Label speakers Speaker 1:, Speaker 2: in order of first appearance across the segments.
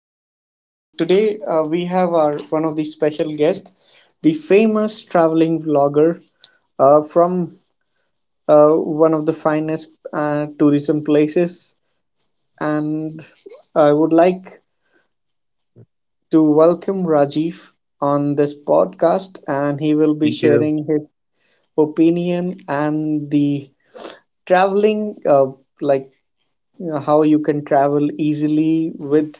Speaker 1: everyone. So today we have our one of the special guests, the famous traveling vlogger from uh, one of the finest tourism places, and I would like to welcome Rajiv on this podcast, and he will be
Speaker 2: Thank you.
Speaker 1: sharing his opinion and the traveling, like how you can travel easily with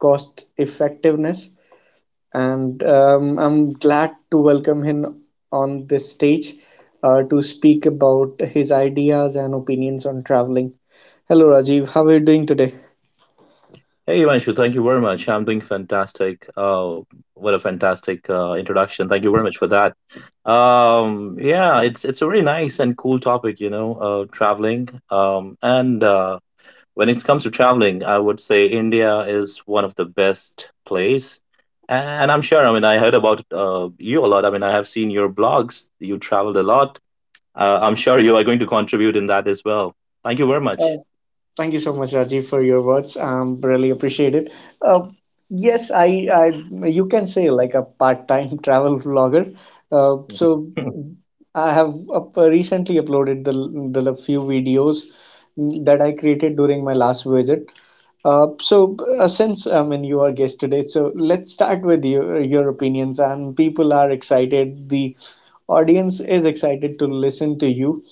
Speaker 1: cost effectiveness and I'm glad to welcome him on this stage to speak about his ideas and opinions on traveling. Hello, Rajiv. How are you doing today?
Speaker 2: Hey, Ivanshu, thank you very much. I'm doing fantastic. What a fantastic introduction. Thank you very much for that. Yeah, it's a really nice and cool topic, you know, traveling. And when it comes to traveling, I would say India is one of the best place. And I'm sure, I mean, I heard about you a lot. I mean, I have seen your blogs. You traveled a lot. I'm sure you are going to contribute in that as well. Thank you very much.
Speaker 1: Thank you so much, Rajiv, for your words. Really appreciate it. Uh, yes, you can say like a part-time travel vlogger. So I have recently uploaded the few videos that I created during my last visit. So since I mean you are guest today, so let's start with your opinions. And people are excited. The audience is excited to listen to you,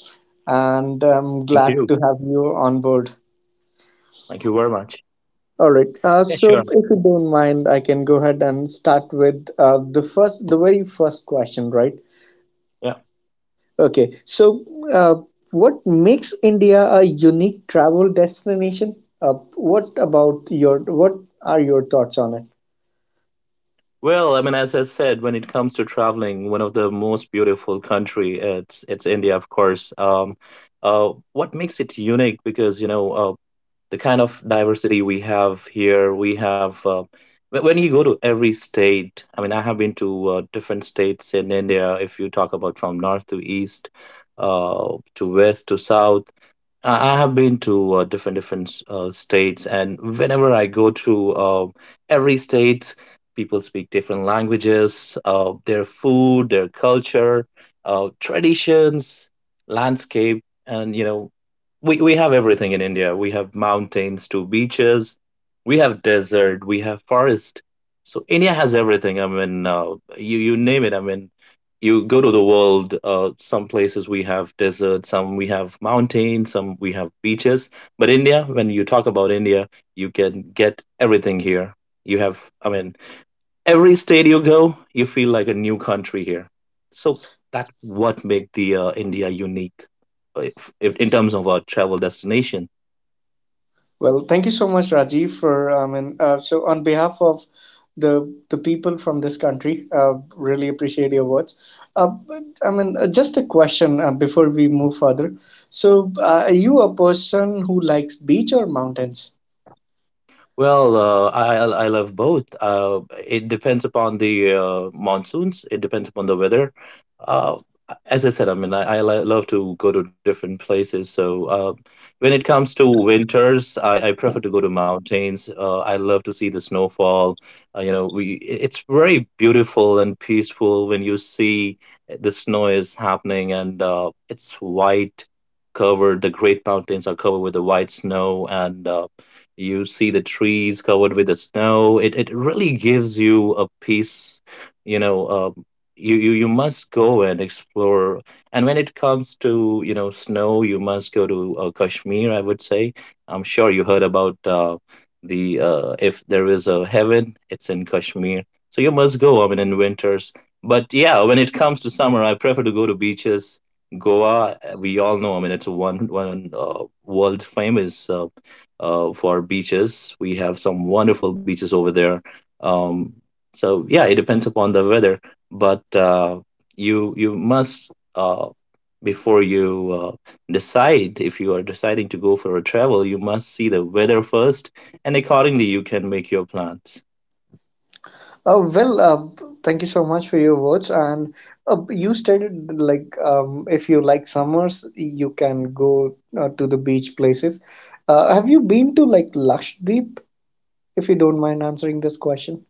Speaker 1: and I'm
Speaker 2: Thank
Speaker 1: glad
Speaker 2: you.
Speaker 1: to have you on board.
Speaker 2: Thank you very much.
Speaker 1: All right.
Speaker 2: Yeah,
Speaker 1: So,
Speaker 2: sure.
Speaker 1: if you don't mind, I can go ahead and start with the very first question, right?
Speaker 2: Yeah.
Speaker 1: Okay. So, uh, what makes India a unique travel destination? What are your thoughts on it?
Speaker 2: Well, I mean, as I said, when it comes to traveling, one of the most beautiful country, it's India, of course. What makes it unique? Because you know, the kind of diversity we have here, we have. When you go to every state, I mean, I have been to different states in India. If you talk about from north to east, to west to south. I have been to different states, and whenever I go to every state, people speak different languages, their food, their culture, traditions, landscape, and you know, we have everything in India. We have mountains to beaches, we have desert, we have forest. So India has everything. I mean, you name it. I mean, you go to the world, some places we have deserts, some we have mountains, some we have beaches. But India, when you talk about India, you can get everything here. You have, I mean, every state you go, you feel like a new country here. So that's what make the India unique, if, in terms of our travel destination.
Speaker 1: Well, thank you so much, Rajiv, for I mean, so on behalf of the people from this country, really appreciate your words. But, I mean, just a question before we move further. So, are you a person who likes beach or mountains?
Speaker 2: Well, I love both. It depends upon the monsoons. It depends upon the weather. Uh, as I said, I mean, I love to go to different places. So when it comes to winters, I prefer to go to mountains. I love to see the snowfall. You know, it's very beautiful and peaceful when you see the snow is happening and it's white covered. The great mountains are covered with the white snow and you see the trees covered with the snow. It really gives you a peace, you know, you must go and explore. And when it comes to, you know, snow, you must go to Kashmir, I would say. I'm sure you heard about the if there is a heaven, it's in Kashmir. So you must go, I mean, in winters. But yeah, when it comes to summer, I prefer to go to beaches. Goa, we all know, I mean, it's a one world famous for beaches. We have some wonderful beaches over there. Um, so yeah, it depends upon the weather, but you must before you decide if you are deciding to go for a travel, you must see the weather first, and accordingly you can make your plans.
Speaker 1: Well, thank you so much for your words. And you stated like if you like summers, you can go to the beach places. Have you been to like Lakshadweep? If you don't mind answering this question.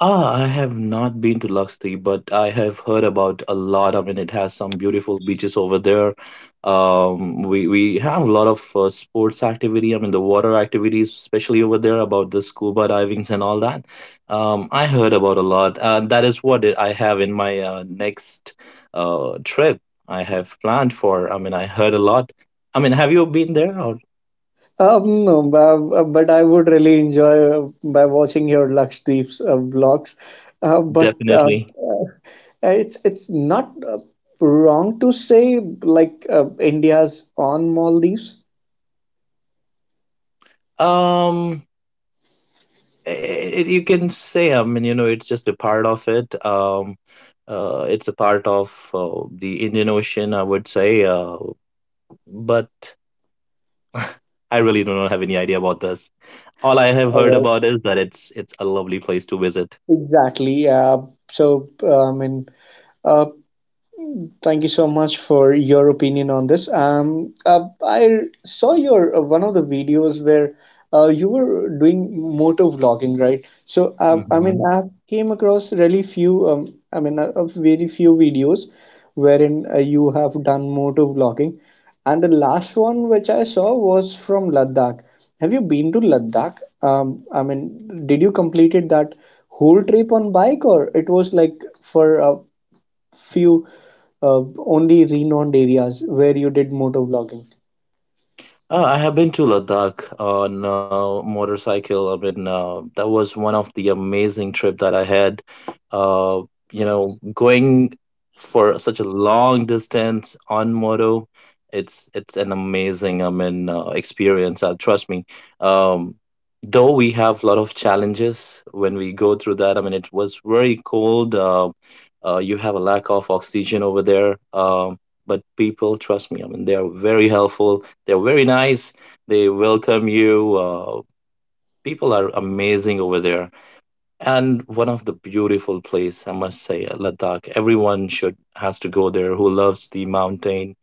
Speaker 2: Ah, I have not been to Lakshadweep, but I have heard about a lot. I mean, it has some beautiful beaches over there. We have a lot of sports activity. I mean, the water activities, especially over there, about the scuba divings and all that. I heard about a lot. That is what I have in my next trip. I have planned for. I mean, I heard a lot. I mean, have you been there? Or
Speaker 1: No, but I would really enjoy by watching your Lakshdeep's vlogs. But
Speaker 2: definitely.
Speaker 1: it's not wrong to say like India's on Maldives.
Speaker 2: Um, it, you can say I mean you know it's just a part of it it's a part of the Indian Ocean I would say but I really do not have any idea about this. All I have heard
Speaker 1: Uh,
Speaker 2: about is that it's a lovely place to visit.
Speaker 1: exactly. So I mean, uh, thank you so much for your opinion on this. I saw your one of the videos where you were doing motor vlogging, right? So, I mean,
Speaker 2: Hmm.
Speaker 1: I came across really few, I mean, very few videos wherein you have done motor vlogging, and the last one which I saw was from Ladakh. Have you been to Ladakh? I mean, did you completed that whole trip on bike, or it was like for few only renowned areas where you did motor vlogging.
Speaker 2: I have been to Ladakh on motorcycle. I mean, that was one of the amazing trip that I had. Uh, you know, going for such a long distance on moto, it's an amazing, I mean, experience. Trust me. Um, though we have a lot of challenges when we go through that. I mean, it was very cold. You have a lack of oxygen over there. But people, trust me, I mean, they are very helpful, they're very nice. They welcome you. People are amazing over there. And one of the beautiful place, I must say, Ladakh. Everyone should has to go there who loves the mountain,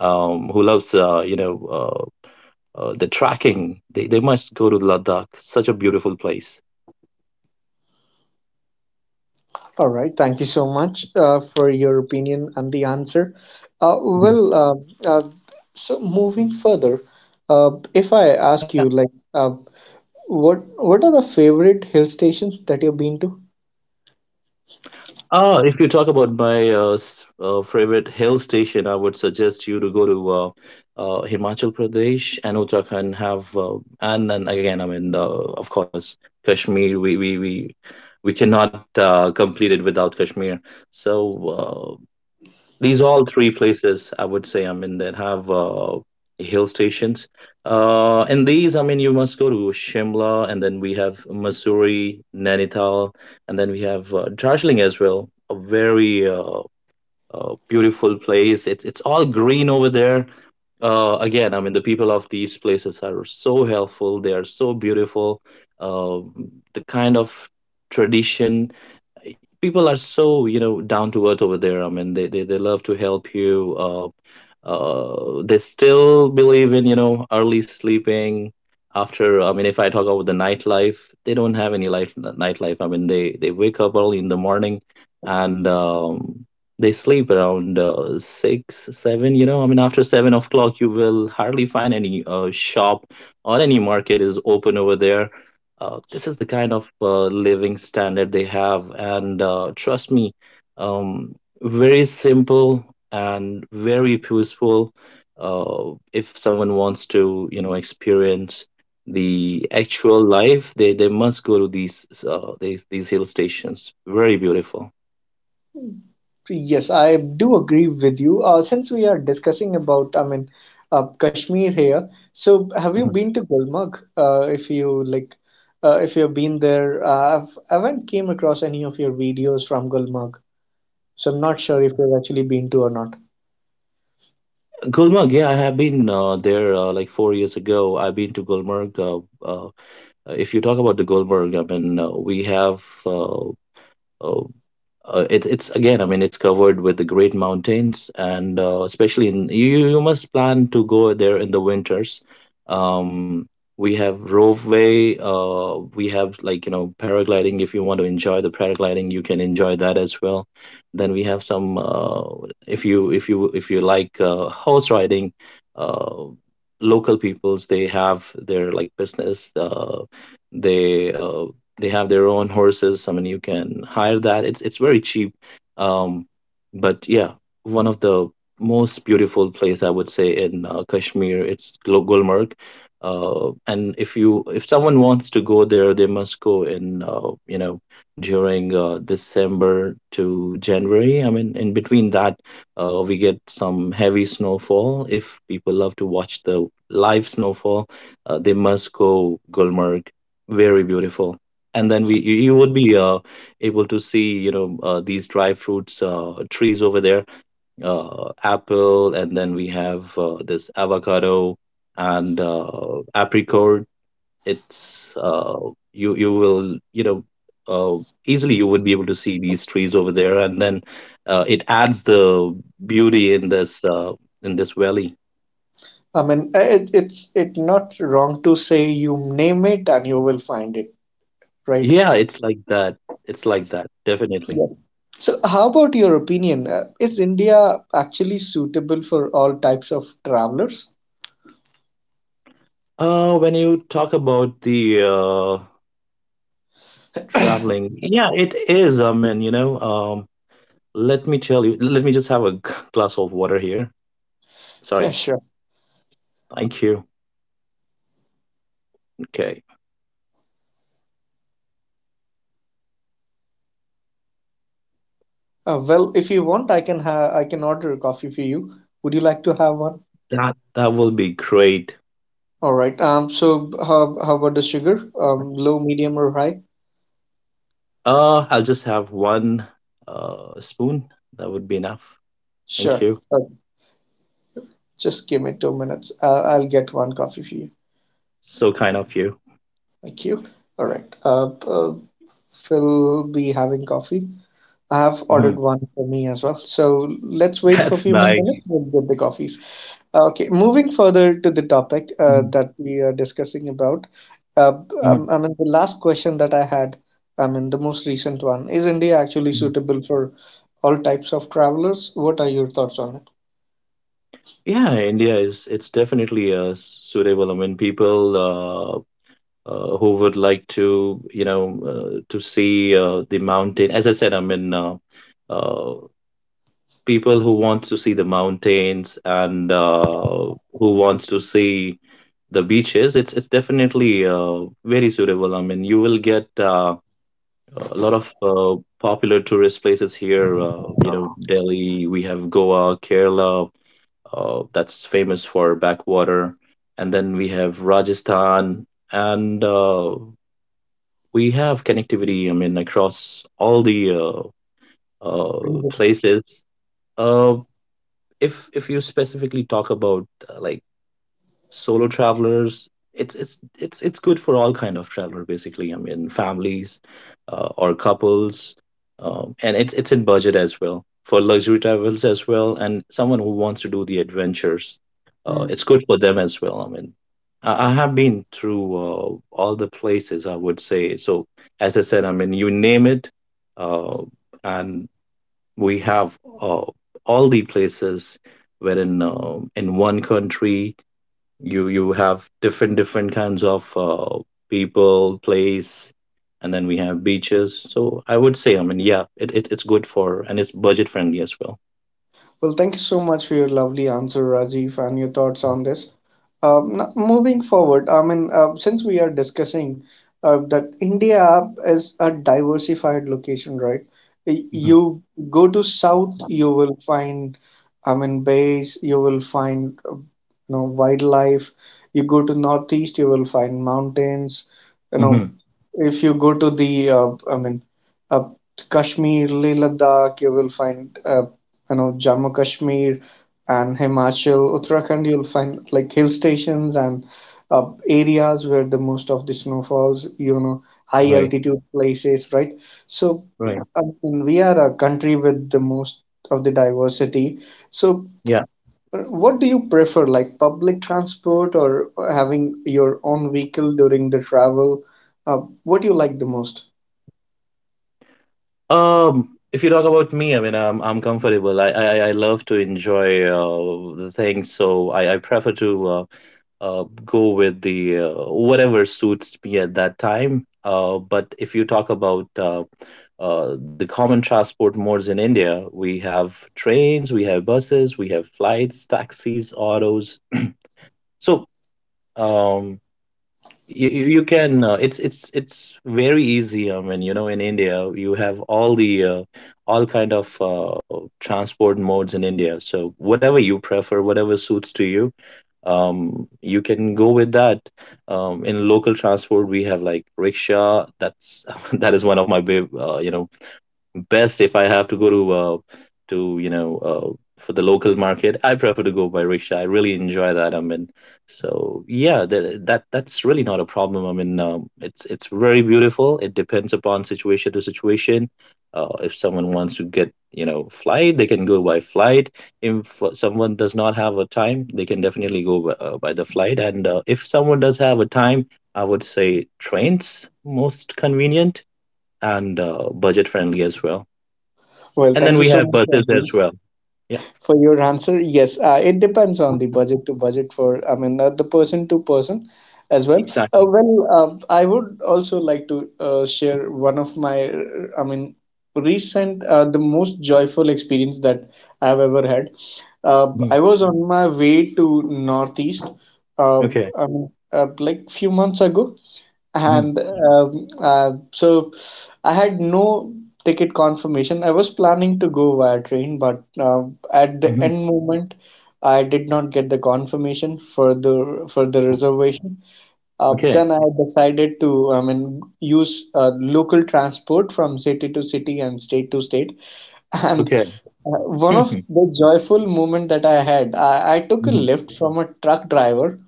Speaker 2: who loves the tracking. They must go to Ladakh. Such a beautiful place.
Speaker 1: All right, thank you so much for your opinion and the answer.
Speaker 2: Mhm.
Speaker 1: Well, so moving further, if I ask you, like, what are the favorite hill stations that you've been to?
Speaker 2: Ah, if you talk about my favorite hill station, I would suggest you to go to Himachal Pradesh and Uttarakhand. Have and then again, I mean, of course, Kashmir. We cannot complete it without Kashmir. So uh, these all three places I would say, I mean, that have hill stations. And these, I mean, you must go to Shimla, and then we have Missouri, Nainital, and then we have Darjeeling as well. A very beautiful place. It's all green over there. Again, I mean, the people of these places are so helpful. They are so beautiful. Uh, the kind of tradition, people are so you know down to earth over there. I mean they love to help you, they still believe in you know early sleeping. After I mean if I talk about the nightlife, they don't have any life nightlife. I mean they wake up early in the morning, and they sleep around 6 7, you know. I mean after 7 o'clock you will hardly find any shop or any market is open over there. This is the kind of living standard they have, and trust me, um, very simple and very peaceful. If someone wants to you know experience the actual life, they must go to these these hill stations. Very beautiful.
Speaker 1: Yes, I do agree with you. Since we are discussing about, I mean, Kashmir here. So, have you
Speaker 2: Mhm.
Speaker 1: been to Gulmarg? If you like, if you've been there, I haven't came across any of your videos from Gulmarg, so I'm not sure if you've actually been to or not.
Speaker 2: Gulmarg, yeah, I have been there like 4 years ago. I've been to Gulmarg. If you talk about the Gulmarg, I mean, Oh, it, it's again, I mean, it's covered with the great mountains, and especially in you, you must plan to go there in the winters. Um, we have ropeway, we have like you know paragliding. If you want to enjoy the paragliding, you can enjoy that as well. Then we have some if you if you like horse riding, uh, local peoples they have their like business. They uh, they have their own horses. I mean, you can hire that. It's very cheap. Um, but yeah, one of the most beautiful place I would say in Kashmir. It's Gulmarg. And if you if someone wants to go there, they must go in you know during December to January. I mean, in between that, we get some heavy snowfall. If people love to watch the live snowfall, they must go Gulmarg. Very beautiful. And then we you you would be able to see you know these dry fruits trees over there. Apple, and then we have this avocado and apricot. It's you you will you know uh, easily you would be able to see these trees over there. And then it adds the beauty in this valley.
Speaker 1: I mean, it, it's it not wrong to say you name it and you will find it, right?
Speaker 2: Yeah, it's like that. It's like that, definitely.
Speaker 1: Yes. So, how about your opinion? Is India actually suitable for all types of travelers?
Speaker 2: When you talk about the Traveling. Yeah, it is. I mean, you know, let me tell you, let me just have a glass of water here.
Speaker 1: Yeah,
Speaker 2: Sorry.
Speaker 1: sure.
Speaker 2: Thank you. Okay.
Speaker 1: Well, if you want, I can order a coffee for you. Would you like to have one?
Speaker 2: That that will be great.
Speaker 1: All right. So how about the sugar? Low, medium, or high?
Speaker 2: I'll just have one spoon. That would be enough. Thank
Speaker 1: Sure.
Speaker 2: you.
Speaker 1: Uh, just give me 2 minutes. I'll get one coffee for you.
Speaker 2: So kind of you.
Speaker 1: Thank you. All right. We'll be having coffee. I have
Speaker 2: Hmm.
Speaker 1: ordered one for me as well. So let's wait for a
Speaker 2: That's
Speaker 1: few more
Speaker 2: nice.
Speaker 1: minutes. We'll get the coffees. Okay, moving further to the topic
Speaker 2: Mhm.
Speaker 1: that we are discussing about, uh,
Speaker 2: Mhm.
Speaker 1: I mean, the last question that I had, I mean, the most recent one, is India actually
Speaker 2: Mhm.
Speaker 1: suitable for all types of travelers? What are your thoughts on it?
Speaker 2: Yeah, India is it's definitely suitable. I mean, people who would like to to see the mountain, as I said, I mean uh, people who want to see the mountains and who wants to see the beaches. It's definitely very suitable. I mean, you will get a lot of popular tourist places here. You know, Delhi, we have Goa, Kerala, that's famous for backwater, and then we have Rajasthan, and we have connectivity, I mean, across all the
Speaker 1: Reason.
Speaker 2: places. Uh, if if you specifically talk about like solo travelers, it's good for all kind of traveler, basically. I mean, families or couples, and it's in budget as well, for luxury travels as well, and someone who wants to do the adventures, it's good for them as well. I mean, I have been through all the places, I would say. So as I said, I mean, you name it, uh, and we have all the places wherein, in one country, you have different different kinds of people, place, and then we have beaches. So I would say, I mean, yeah, it's good for, and it's budget friendly as well.
Speaker 1: Well, thank you so much for your lovely answer, Rajiv, and your thoughts on this. Moving forward, I mean, since we are discussing that India is a diversified location, right? Y-
Speaker 2: hmm
Speaker 1: You go to south, you will find, I mean, bays, you will find, wildlife. You go to northeast, you will find mountains. You know,
Speaker 2: hmm
Speaker 1: if you go to I mean, uh, Kashmir, Leh Ladakh, you will find Jammu Kashmir and Himachal, Uttarakhand, you'll find like hill stations and areas where the most of the snowfalls, high
Speaker 2: Right.
Speaker 1: altitude places, right? So
Speaker 2: Right.
Speaker 1: I mean, we are a country with the most of the diversity. So
Speaker 2: Yeah.
Speaker 1: what do you prefer, like public transport or having your own vehicle during the travel? Uh, what do you like the most?
Speaker 2: If you talk about me, I mean, I'm comfortable. I love to enjoy the things, so I prefer to go with the whatever suits me at that time. But if you talk about the common transport modes in India, we have trains, we have buses, we have flights, taxis, autos. So, um, you can it's very easy. I mean, you know, in India, you have all the all kind of transport modes in India. So whatever you prefer, whatever suits to you, you can go with that. In local transport, we have like rickshaw. That's that is one of my babe, you know, best. If I have to go to to, you know, for the local market, I prefer to go by rickshaw. I really enjoy that. I mean, so yeah, that that's really not a problem. I mean, it's very beautiful. It depends upon situation to situation. If someone wants to get, you know, flight, they can go by flight. If someone does not have a time, they can definitely go by the flight. And if someone does have a time, I would say trains most convenient, and budget friendly as well.
Speaker 1: Well,
Speaker 2: And then
Speaker 1: thank you
Speaker 2: we
Speaker 1: so
Speaker 2: have
Speaker 1: much,
Speaker 2: buses as
Speaker 1: Rajiv,
Speaker 2: well. Yeah,
Speaker 1: for your answer. Yes, it depends on the budget to budget for, I mean, the person to person as well.
Speaker 2: exactly.
Speaker 1: Well, I would also like to share one of my, I mean, recent, the most joyful experience that I've ever had. I
Speaker 2: Mhm.
Speaker 1: was on my way to Northeast,
Speaker 2: Okay.
Speaker 1: I mean, like few months ago,
Speaker 2: Mhm.
Speaker 1: and so I had no ticket confirmation. I was planning to go via train, but at the
Speaker 2: Mhm.
Speaker 1: end moment, I did not get the confirmation for the reservation.
Speaker 2: Okay.
Speaker 1: Then I decided to, I mean, use local transport from city to city and state to state. And
Speaker 2: Okay.
Speaker 1: one of the joyful moment that I had, I took a
Speaker 2: Mhm.
Speaker 1: lift from a truck driver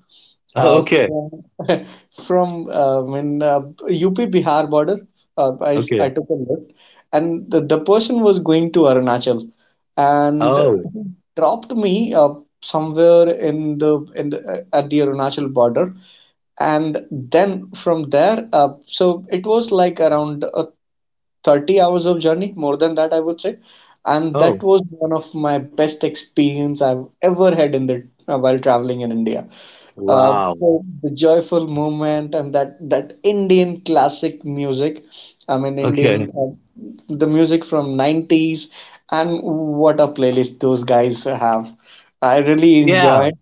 Speaker 2: Oh, okay.
Speaker 1: from from when UP Bihar border, I
Speaker 2: Okay.
Speaker 1: took a lift, and the person was going to Arunachal, and
Speaker 2: Oh.
Speaker 1: he dropped me somewhere in the at the Arunachal border, and then from there, so it was like around 30 hours of journey, more than that, I would say, and that
Speaker 2: Oh.
Speaker 1: was one of my best experience I've ever had in the while traveling in India.
Speaker 2: Wow.
Speaker 1: So the joyful movement and that Indian classic music, I mean
Speaker 2: Okay.
Speaker 1: Indian the music from 90s and what a playlist those guys have. I really
Speaker 2: Yeah.
Speaker 1: enjoyed.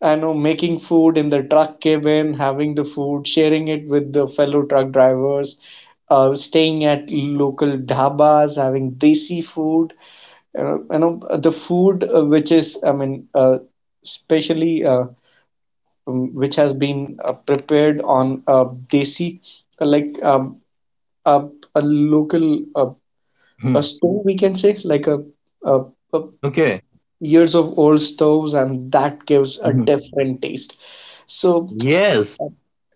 Speaker 1: I know making food in the truck cabin, having the food, sharing it with the fellow truck drivers, staying at local dhabas, having desi food. You know, the food which is I mean especially which has been prepared on a desi, like a, a local
Speaker 2: Mhm.
Speaker 1: a stove, we can say, like a, a
Speaker 2: Okay.
Speaker 1: years of old stoves, and that gives a
Speaker 2: Mhm.
Speaker 1: different taste. So.
Speaker 2: Yes.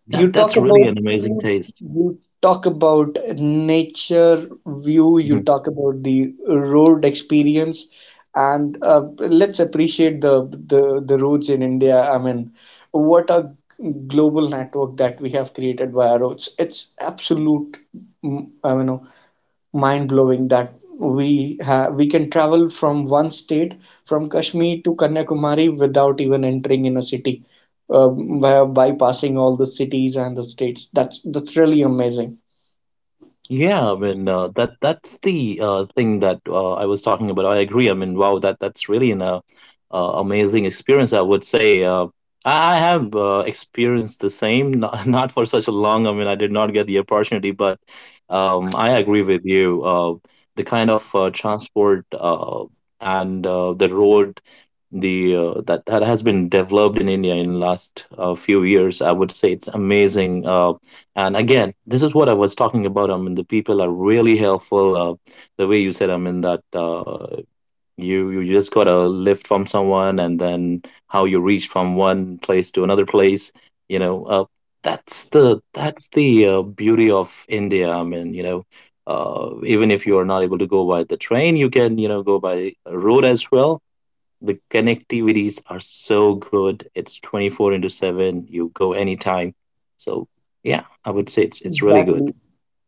Speaker 1: You
Speaker 2: That
Speaker 1: talk
Speaker 2: that's really
Speaker 1: about
Speaker 2: an amazing
Speaker 1: food,
Speaker 2: taste.
Speaker 1: you talk about nature view, you
Speaker 2: Mhm.
Speaker 1: talk about the road experience, and let's appreciate the roads in India. I mean, what a global network that we have created via roads. It's absolute, I mean, no, mind blowing that we can travel from one state from Kashmir to Kanyakumari without even entering in a city by bypassing all the cities and the states that's really amazing.
Speaker 2: Yeah, I mean, that that's the thing that I was talking about. I agree. I mean, wow, that that's really an amazing experience. I would say, I have experienced the same, not, not for such a long. I mean, I did not get the opportunity, but I agree with you. The kind of transport and the road, the that that has been developed in India in last few years, I would say it's amazing. And again, this is what I was talking about. I mean, the people are really helpful. The way you said, I mean, that you just got a lift from someone, and then how you reach from one place to another place. You know, that's the beauty of India. I mean, you know, even if you are not able to go by the train, you can, you know, go by road as well. The connectivities are so good. It's 24 into 7. You go anytime. So yeah, I would say it's really good.
Speaker 1: Exactly.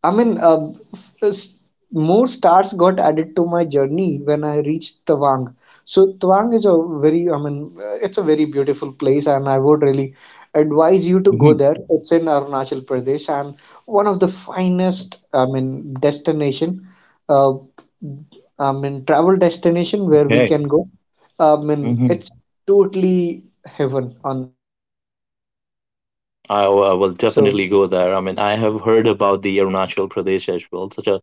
Speaker 1: I mean, more stars got added to my journey when I reached Tawang. So Tawang is a very, I mean, it's a very beautiful place, and I would really advise you to go
Speaker 2: Mhm.
Speaker 1: there. It's in Arunachal Pradesh, and one of the finest, I mean, destination, uh, I mean, travel destination where we
Speaker 2: Okay.
Speaker 1: can go. I mean,
Speaker 2: Hmm.
Speaker 1: it's totally heaven on earth. So
Speaker 2: I will definitely go there. I mean, I have heard about the Arunachal Pradesh as well. Such a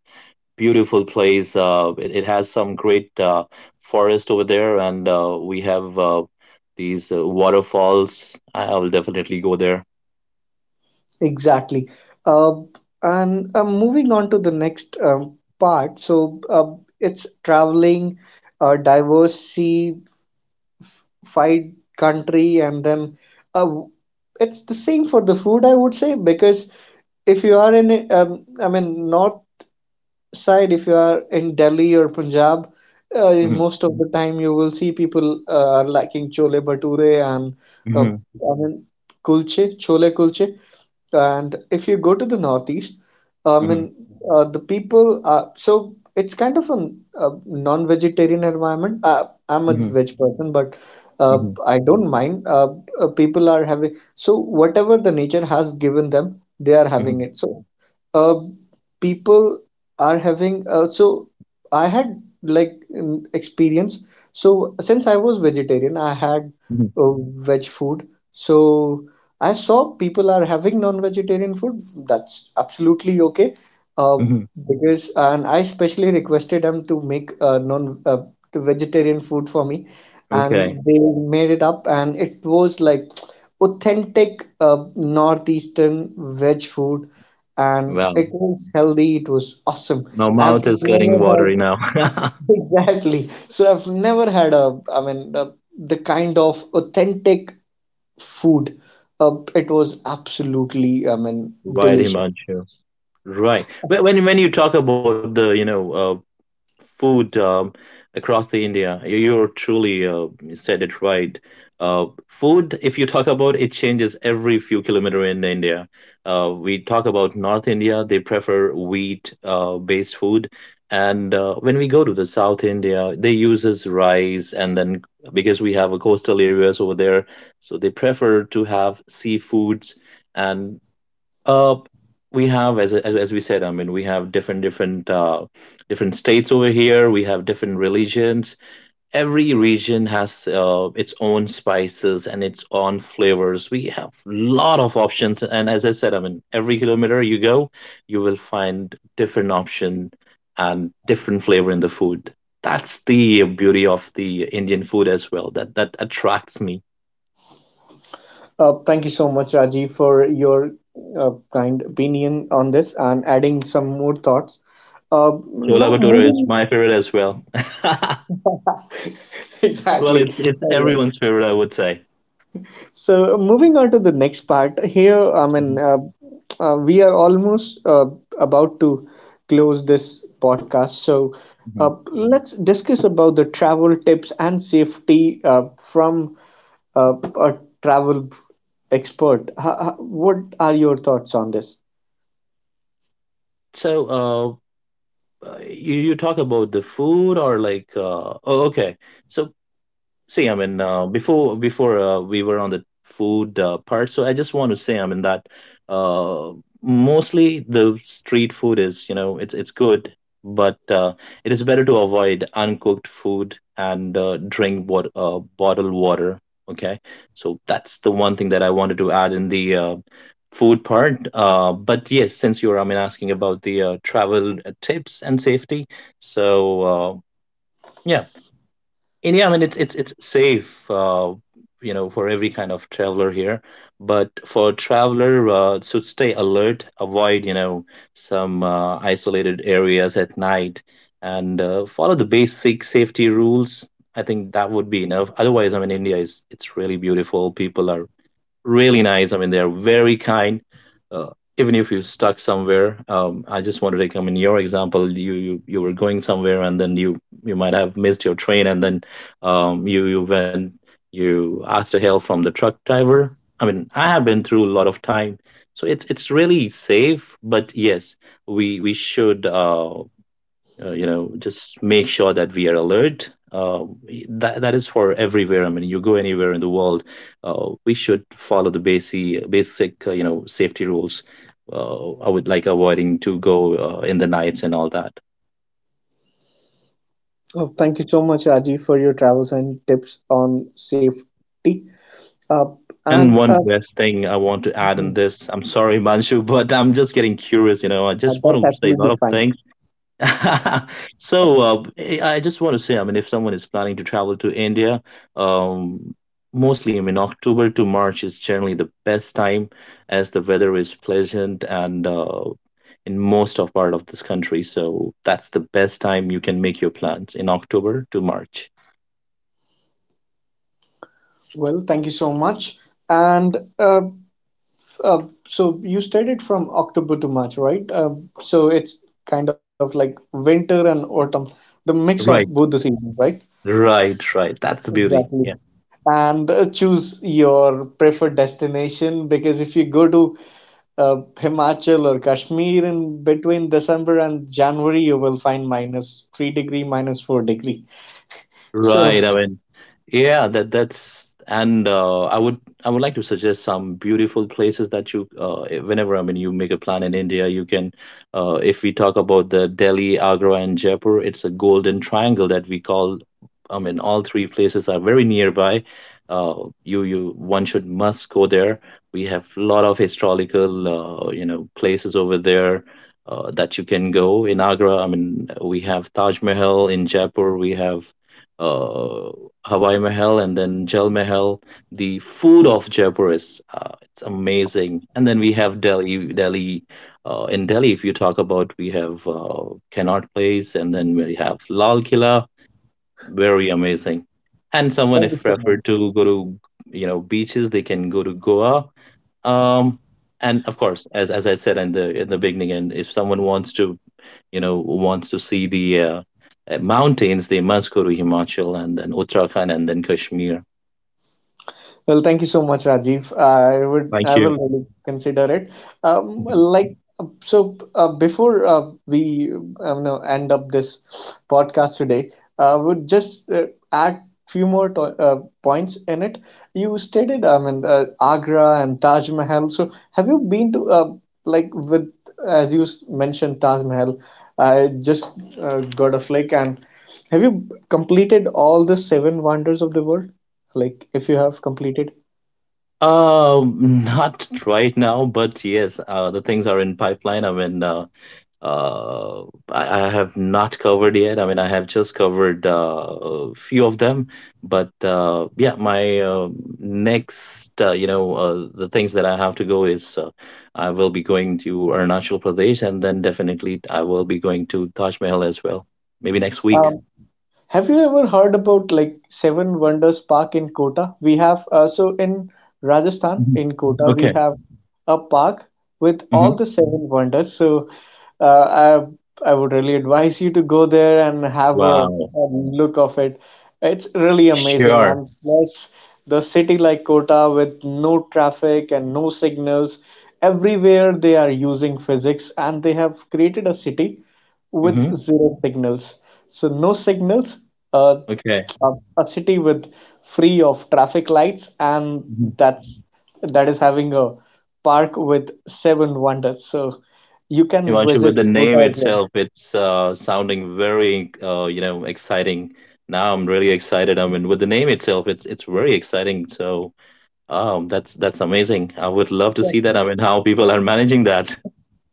Speaker 2: beautiful place. It has some great forest over there, and we have these waterfalls. I will definitely go there.
Speaker 1: Exactly. Uh, and moving on to the next part, so it's traveling, diversified country, and then uh, it's the same for the food, I would say, because if you are in, I mean, North side if you are in Delhi or Punjab
Speaker 2: Hmm.
Speaker 1: most of the time you will see people liking chole bhature and
Speaker 2: Hmm.
Speaker 1: I mean kulche chole kulche and if you go to the northeast I mean
Speaker 2: Hmm.
Speaker 1: the people are so it's kind of a non-vegetarian environment I'm a
Speaker 2: hmm
Speaker 1: veg person but uh,
Speaker 2: hmm
Speaker 1: I don't mind people are having so whatever the nature has given them they are having
Speaker 2: hmm
Speaker 1: it so uh, people are having so I had like an experience. So since I was vegetarian, I had uh, veg food. So I saw people are having non-vegetarian food. That's absolutely okay. Uh,
Speaker 2: hmm
Speaker 1: because and I specially requested them to make non the vegetarian food for me, and
Speaker 2: Okay.
Speaker 1: they made it up, and it was like authentic northeastern veg food, and
Speaker 2: Wow.
Speaker 1: it was healthy, it was awesome.
Speaker 2: My
Speaker 1: I've
Speaker 2: mouth is
Speaker 1: never
Speaker 2: getting
Speaker 1: had
Speaker 2: watery now.
Speaker 1: exactly so I've never had a I mean the kind of authentic food. It was absolutely, I mean,
Speaker 2: Right,
Speaker 1: delicious.
Speaker 2: Himanshu. Right. When you talk about the, you know, food, across the India, You're truly you said it right. Food, if you talk about it, changes every few kilometer in India. We talk about North India; they prefer wheat-based food, and when we go to the South India, they uses rice, and then because we have a coastal areas over there, so they prefer to have seafoods. And uh, we have, as we said, I mean, we have different states over here. We have different religions. Every region has its own spices and its own flavors. We have lot of options, and as I said, I mean, every kilometer you go, you will find different option and different flavor in the food. That's the beauty of the Indian food as well. That that attracts me.
Speaker 1: Thank you so much, Rajiv, for your kind opinion on this and adding some more thoughts. uh,
Speaker 2: Chola
Speaker 1: Now
Speaker 2: bhatura is
Speaker 1: moving…
Speaker 2: my favorite as well. Well,
Speaker 1: exactly.
Speaker 2: it's
Speaker 1: Alright.
Speaker 2: everyone's favorite, I would say.
Speaker 1: So moving on to the next part here, I mean,
Speaker 2: Mhm,
Speaker 1: uh, uh, we are almost about to close this podcast. So
Speaker 2: mhm.
Speaker 1: let's discuss about the travel tips and safety from a travel expert. What are your thoughts on this?
Speaker 2: So, you talk about the food or like, oh, okay. So see, I mean, before we were on the food part, so I just want to say, I mean, that uh, mostly the street food is, you know, it's good, but it is better to avoid uncooked food and drink what bottled water. Okay, so that's the one thing that I wanted to add in the food part. But yes, since you're, I mean, asking about the travel tips and safety, so yeah. And yeah, I mean, it's safe, you know, for every kind of traveler here. But for traveler, should stay alert, avoid, you know, some isolated areas at night, and follow the basic safety rules. I think that would be enough. Otherwise, I mean, India is it's really beautiful. People are really nice. I mean, they're very kind. Uh, even if you're stuck somewhere, I just wanted to come in your example, you were going somewhere, and then you might have missed your train, and then you went, you asked for help from the truck driver. I mean, I have been through a lot of time, so it's really safe. But yes, we should you know, just make sure that we are alert, that is for everywhere. I mean, you go anywhere in the world, we should follow the basic you know, safety rules. I would like avoiding to go in the nights and all that.
Speaker 1: Oh, thank you so much, Rajiv, for your travels and tips on safety. Uh,
Speaker 2: And
Speaker 1: and
Speaker 2: one last thing I want to add in
Speaker 1: mhm,
Speaker 2: this. I'm sorry Manshu, but I'm just getting curious. You know, I just want
Speaker 1: that's
Speaker 2: to say a lot
Speaker 1: absolutely
Speaker 2: of
Speaker 1: fine.
Speaker 2: things. So, I just want to say, I mean, if someone is planning to travel to India, um, mostly, I mean, October to March is generally the best time, as the weather is pleasant and in most of part of this country. So that's the best time. You can make your plans in October to March.
Speaker 1: Well, thank you so much. And so you studied from October to March, right? So it's kind of like winter and autumn, the mix of both
Speaker 2: Right,
Speaker 1: the seasons, right?
Speaker 2: right, right. That's the beauty.
Speaker 1: Exactly. And choose your preferred destination, because if you go to Himachal or Kashmir in between December and January, you will find -3 degrees, -4 degrees. So
Speaker 2: Right. I mean, yeah, that that's. And I would like to suggest some beautiful places that you, whenever, I mean, you make a plan in India, you can, if we talk about the Delhi, Agra, and Jaipur, it's a golden triangle that we call. I mean, all three places are very nearby. You one should must go there. We have a lot of historical you know places over there, that you can go in Agra. I mean, we have Taj Mahal. In Jaipur, we have uh, Hawaii Mahal and then Jal Mahal. The food of Jaipur is it's amazing. And then we have Delhi, Delhi. In Delhi, if you talk about, we have Connaught Place, and then we have Lal Killa. Very amazing. And someone
Speaker 1: thank you
Speaker 2: if
Speaker 1: so much.
Speaker 2: preferred to go to, you know, beaches, they can go to Goa. Um, and of course, as I said, in the beginning, and if someone wants to, you know, wants to see the mountains, they must go to Himachal and then Uttarakhand and then Kashmir.
Speaker 1: Well, thank you so much, Rajiv. I would,
Speaker 2: Thank
Speaker 1: I
Speaker 2: you.
Speaker 1: will really consider it.
Speaker 2: Mhm.
Speaker 1: Like, so before we no, end up this podcast today, I would just add few more to points in it. You stated, I mean, Agra and Taj Mahal. So, have you been to, like with as you s- mentioned, Taj Mahal? I just got a flick, and have you completed all the seven wonders of the world? Like, if you have completed.
Speaker 2: Not right now, but yes, the things are in pipeline. I mean, uh, I have not covered yet. I mean, I have just covered a few of them, but yeah, my next, you know, the things that I have to go is I will be going to Arunachal Pradesh, and then definitely I will be going to Taj Mahal as well, maybe next week.
Speaker 1: Um, have you ever heard about like Seven Wonders Park in Kota? We have, so in Rajasthan,
Speaker 2: Mhm.
Speaker 1: in Kota, we
Speaker 2: Okay.
Speaker 1: have a park with
Speaker 2: Hmm.
Speaker 1: all the seven wonders. So uh, I I would really advise you to go there and have
Speaker 2: Wow.
Speaker 1: a look of it. It's really amazing,
Speaker 2: Sure.
Speaker 1: and plus the city like Kota with no traffic and no signals. Everywhere they are using physics, and they have created a city with
Speaker 2: Hmm.
Speaker 1: zero signals. So no signals, uh,
Speaker 2: Okay.
Speaker 1: a, a city with free of traffic lights, and
Speaker 2: Mhm.
Speaker 1: that is having a park with seven wonders. So you can
Speaker 2: Himanshu, with
Speaker 1: visit
Speaker 2: the name
Speaker 1: Kyoto as well.
Speaker 2: itself, it's sounding very, you know, exciting. Now I'm really excited. I mean, with the name itself, it's very exciting. So, that's amazing. I would love to see that. I mean, how people are managing that.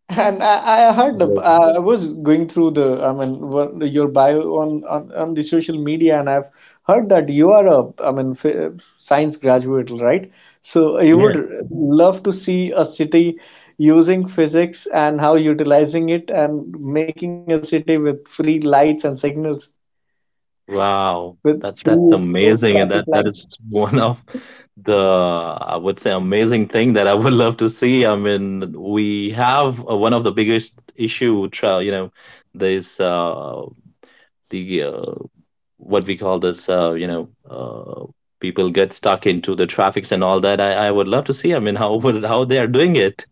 Speaker 1: And I heard
Speaker 2: Uh,
Speaker 1: I was going through the, I mean, what, your bio on, on the social media, and I've heard that you are a, f science graduate, right? So you
Speaker 2: Yes.
Speaker 1: would love to see a city using physics and how utilizing it and making a city with free lights and signals,
Speaker 2: Wow.
Speaker 1: with
Speaker 2: That that's
Speaker 1: free of
Speaker 2: amazing, and
Speaker 1: traffic
Speaker 2: that that
Speaker 1: lights.
Speaker 2: is one of the, I would say, amazing thing that I would love to see. I mean, we have one of the biggest issue, you know, this the what we call this, you know, people get stuck into the traffics and all that. I would love to see, I mean, how would how they are doing it.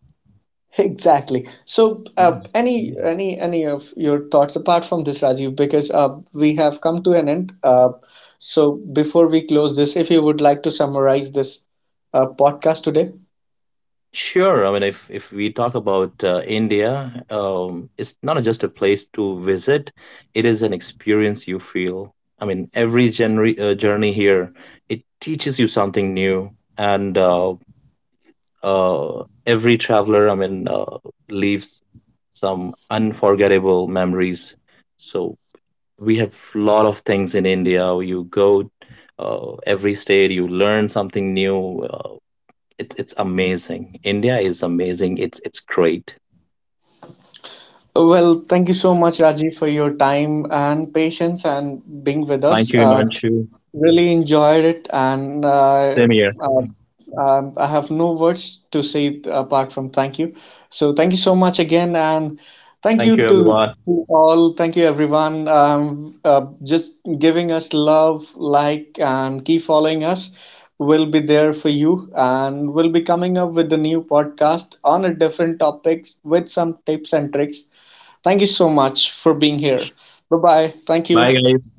Speaker 1: Exactly. So,
Speaker 2: Mm.
Speaker 1: any of your thoughts apart from this, Rajiv, because we have come to an end. So, before we close this, if you would like to summarize this podcast today.
Speaker 2: Sure. I mean, if we talk about India, it's not just a place to visit, it is an experience you feel. I mean, every journey here, it teaches you something new, and every traveler, I mean, leaves some unforgettable memories. So we have lot of things in India. You go every state, you learn something new. It's amazing. India is amazing. It's great.
Speaker 1: Well, thank you so much, Rajiv, for your time and patience and being with
Speaker 2: Thank
Speaker 1: us.
Speaker 2: you, Himanshu.
Speaker 1: Really enjoyed it, and
Speaker 2: Same here.
Speaker 1: uh, I have no words to say apart from thank you. So thank you so much again, and thank
Speaker 2: Thank
Speaker 1: you
Speaker 2: you,
Speaker 1: to,
Speaker 2: everyone.
Speaker 1: to all, thank you everyone, just giving us love, like, and keep following us. We'll be there for you, and we'll be coming up with a new podcast on a different topics with some tips and tricks. Thank you so much for being here. Bye bye. Thank you.
Speaker 2: Bye, guys.